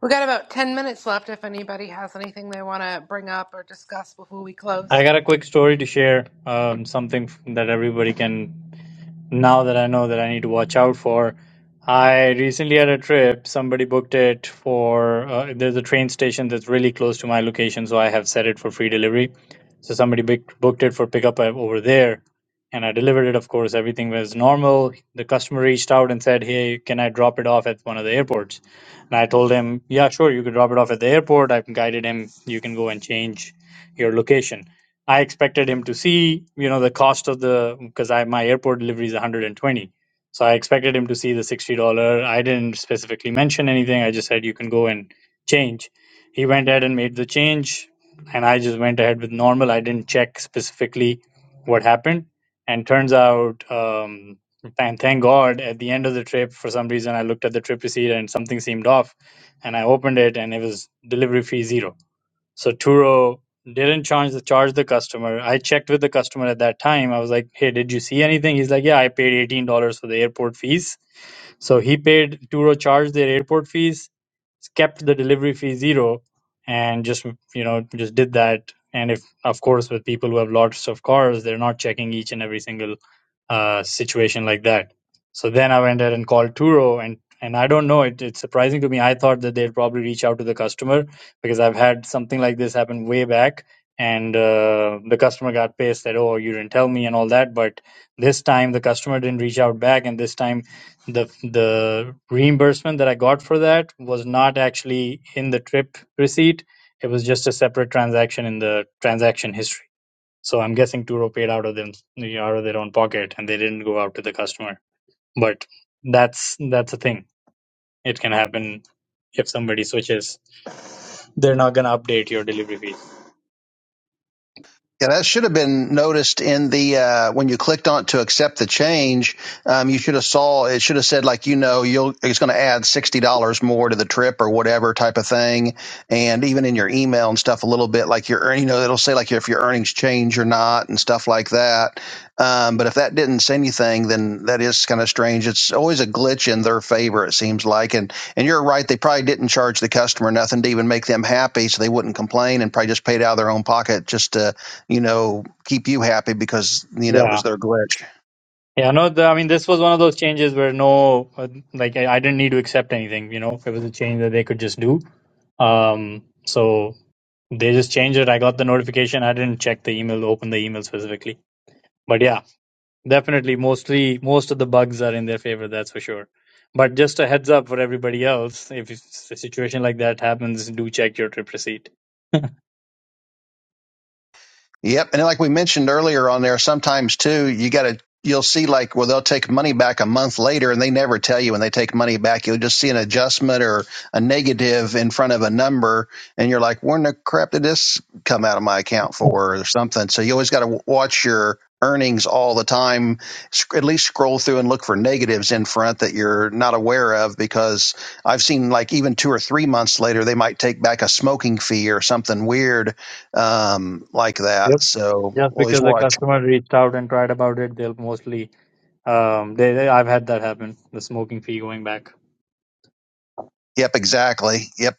We got about 10 minutes left if anybody has anything they want to bring up or discuss before we I close. got a quick story to share, um, something that everybody can now that I know that I need to watch out for. I recently had a trip. Somebody booked it for, uh, there's a train station that's really close to my location, so I have set it for free delivery. So somebody booked booked it for pickup uh, over there, and I delivered it. Of course, everything was normal. The customer reached out and said, "Hey, can I drop it off at one of the airports?" And I told him, "Yeah, sure, you can drop it off at the airport." I've guided him. You can go and change your location I expected him to see, you know, the cost of the because I my airport delivery is 120. So I expected him to see the $60. I didn't specifically mention anything. I just said you can go and change. He went ahead and made the change and I just went ahead with normal. I didn't check specifically what happened. And turns out um and thank God at the end of the trip for some reason I looked at the trip receipt and something seemed off and I opened it and it was delivery fee zero so Turo didn't charge the charge the customer. I checked with the customer at that time. I was like, "Hey, did you see anything?" He's like, "Yeah, I paid eighteen dollars for the airport fees." So he paid Turo charged their airport fees, kept the delivery fee zero, and just you know just did that. And if of course with people who have lots of cars, they're not checking each and every single uh, situation like that. So then I went ahead and called Turo, and and I don't know. It, it's surprising to me. I thought that they'd probably reach out to the customer because I've had something like this happen way back, and uh, the customer got pissed that oh you didn't tell me and all that. But this time the customer didn't reach out back, and this time the the reimbursement that I got for that was not actually in the trip receipt. It was just a separate transaction in the transaction history. So I'm guessing Turo paid out of them out of their own pocket, and they didn't go out to the customer. But that's that's a thing. It can happen if somebody switches. They're not gonna update your delivery fee. Yeah, that should have been noticed in the uh, when you clicked on to accept the change. Um, you should have saw it should have said like you know you'll it's going to add sixty dollars more to the trip or whatever type of thing, and even in your email and stuff a little bit like your earn- you know it'll say like if your earnings change or not and stuff like that. Um, but if that didn't say anything, then that is kind of strange. It's always a glitch in their favor it seems like, and and you're right they probably didn't charge the customer nothing to even make them happy so they wouldn't complain and probably just paid out of their own pocket just to you know, keep you happy because, you know, it Yeah, was their glitch. yeah. No, the, I mean this was one of those changes where no, uh, like I, I didn't need to accept anything. You know, it was a change that they could just do. Um, so they just changed it. I got the notification. I didn't check the email, open the email specifically. But yeah, Definitely, mostly most of the bugs are in their favor, that's for sure. But just a heads up for everybody else, if it's a situation like that happens, do check your trip receipt. Yep. And like we mentioned earlier on there, sometimes too, you got to, you'll see like, well, they'll take money back a month later and they never tell you when they take money back. You'll just see an adjustment or a negative in front of a number. And you're like, where in the crap did this come out of my account for or something? So you always got to watch your earnings all the time. At least scroll through and look for negatives in front that you're not aware of because I've seen like even two or three months later, they might take back a smoking fee or something weird um, like that. Yep. So Just always because a watch. customer reached out and tried about it, they'll mostly um they, they I've had that happen, the smoking fee going back. Yep, exactly. Yep.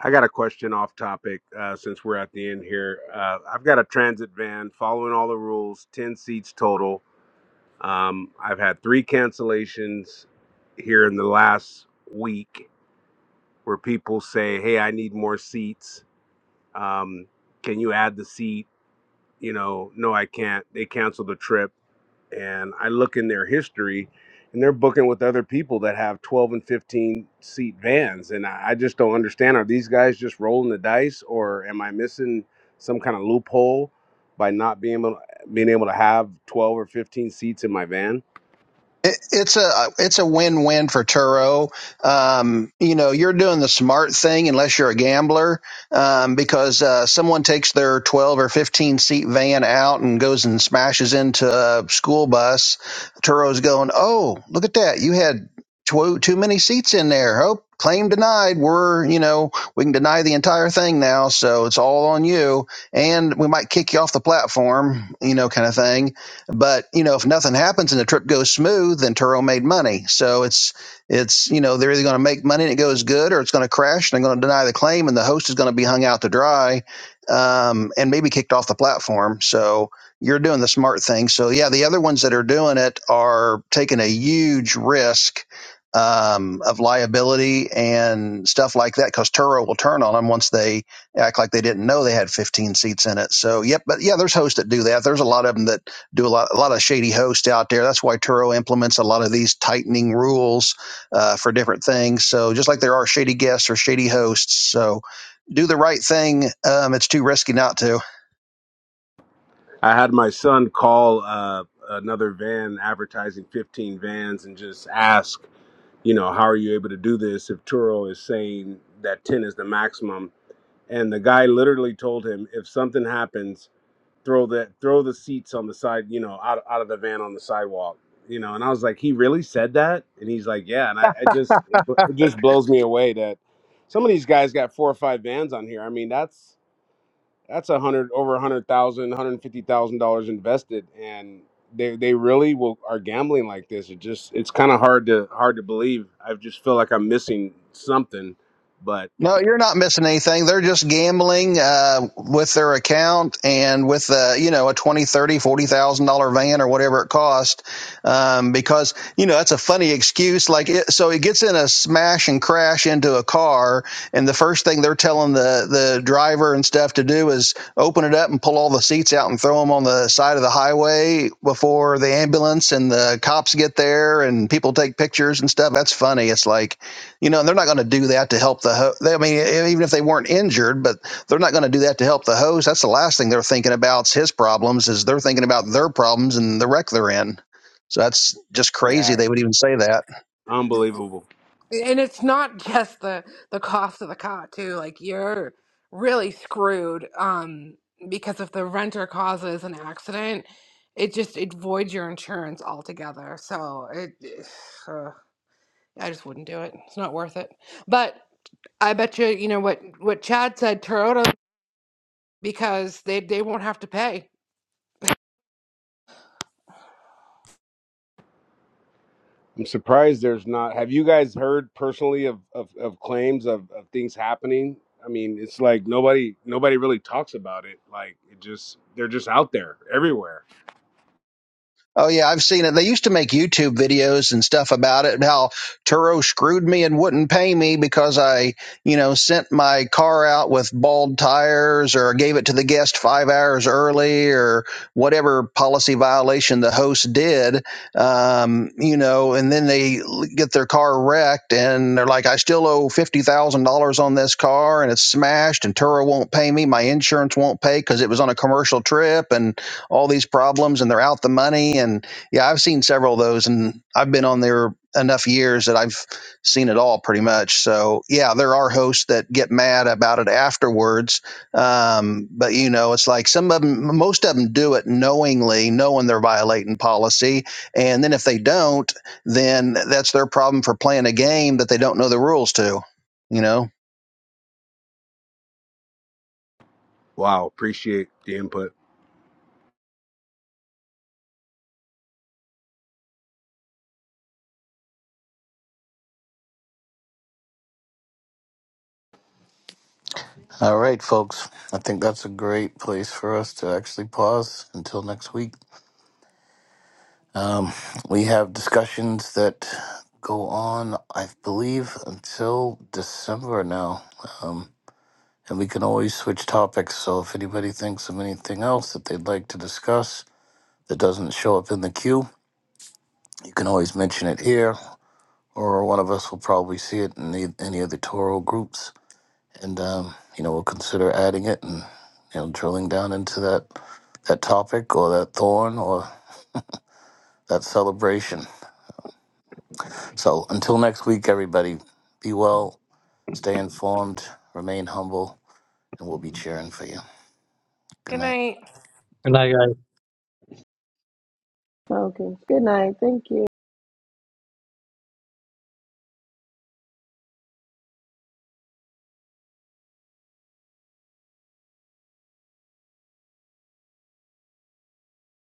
I got a question off topic uh, since we're at the end here. Uh, I've got a transit van following all the rules, 10 seats total. Um, I've had three cancellations here in the last week where people say, Hey, I need more seats. Um, can you add the seat? You know, no, I can't. They cancel the trip and I look in their history, and they're booking with other people that have 12 and 15 seat vans, and I, I just don't understand. Are these guys just rolling the dice, or am I missing some kind of loophole by not being able being able to have 12 or 15 seats in my van? It, it's a it's a win win for Turo. Um, you know, you're doing the smart thing unless you're a gambler, um, because uh, someone takes their 12 or 15 seat van out and goes and smashes into a school bus. Turo's going, oh, look at that! You had too too many seats in there. Oh, claim denied. We're you know we can deny the entire thing now, so it's all on you, and we might kick you off the platform. You know, kind of thing but you know, if nothing happens and the trip goes smooth, then Turo made money. So it's it's you know they're either going to make money and it goes good, or it's going to crash and they're going to deny the claim, and the host is going to be hung out to dry, um, and maybe kicked off the platform. So you're doing the smart thing. So yeah, the other ones that are doing it are taking a huge risk um, of liability and stuff like that because Turo will turn on them once they act like they didn't know they had 15 seats in it. So yep, but yeah, there's hosts that do that. There's a lot of them that do a lot, a lot of shady hosts out there. That's why Turo implements a lot of these tightening rules uh, for different things. So just like there are shady guests or shady hosts, so do the right thing. Um, it's too risky not to. I had my son call uh, another van advertising 15 vans and just ask, you know, how are you able to do this if Turo is saying that 10 is the maximum? And the guy literally told him, if something happens throw that throw the seats on the side you know out, out of the van on the sidewalk you know and i was like he really said that and he's like yeah and i, I just it, bl- it just blows me away that some of these guys got four or five vans on here i mean that's that's a hundred over a hundred thousand one hundred fifty thousand dollars invested and they, they really will are gambling like this it just it's kind of hard to hard to believe i just feel like i'm missing something but No, you're not missing anything. They're just gambling uh, with their account and with uh, you know a twenty, thirty, forty thousand dollar van or whatever it cost, um, because you know that's a funny excuse. Like it, so, it gets in a smash and crash into a car, and the first thing they're telling the the driver and stuff to do is open it up and pull all the seats out and throw them on the side of the highway before the ambulance and the cops get there and people take pictures and stuff. That's funny. It's like you know, and they're not going to do that to help the host. I mean, e- even if they weren't injured, but they're not going to do that to help the host. That's the last thing they're thinking about is his problems, is they're thinking about their problems and the wreck they're in. So that's just crazy yeah they would even say that. unbelievable And it's not just the the cost of the car too. Like you're really screwed um because if the renter causes an accident, it just it voids your insurance altogether. So it I just wouldn't do it. It's not worth it. But I bet you, you know what what Chad said, Toyota, because they they won't have to pay. I'm surprised there's not. Have you guys heard personally of of, of claims of, of things happening? I mean, it's like nobody nobody really talks about it. Like it just they're just out there everywhere. Oh yeah, I've seen it. They used to make YouTube videos and stuff about it. and How Turo screwed me and wouldn't pay me because I, you know, sent my car out with bald tires or gave it to the guest five hours early or whatever policy violation the host did. Um, you know, and then they get their car wrecked and they're like, I still owe fifty thousand dollars on this car and it's smashed and Turo won't pay me. My insurance won't pay because it was on a commercial trip and all these problems and they're out the money. And yeah, I've seen several of those and I've been on there enough years that I've seen it all pretty much. So yeah, there are hosts that get mad about it afterwards. Um, but you know, it's like some of them, most of them do it knowingly, knowing they're violating policy. And then if they don't, then that's their problem for playing a game that they don't know the rules to, you know? Wow, appreciate the input. All right, folks. I think that's a great place for us to actually pause until next week. Um, we have discussions that go on, I believe, until December now. Um, and we can always switch topics. So if anybody thinks of anything else that they'd like to discuss that doesn't show up in the queue, you can always mention it here, or one of us will probably see it in the, any of the Toro groups and um, you know we'll consider adding it and you know drilling down into that that topic or that thorn or that celebration. So until next week, everybody, be well, stay informed, remain humble, and we'll be cheering for you. Good Good night. night. Like Okay. Good night. Thank you.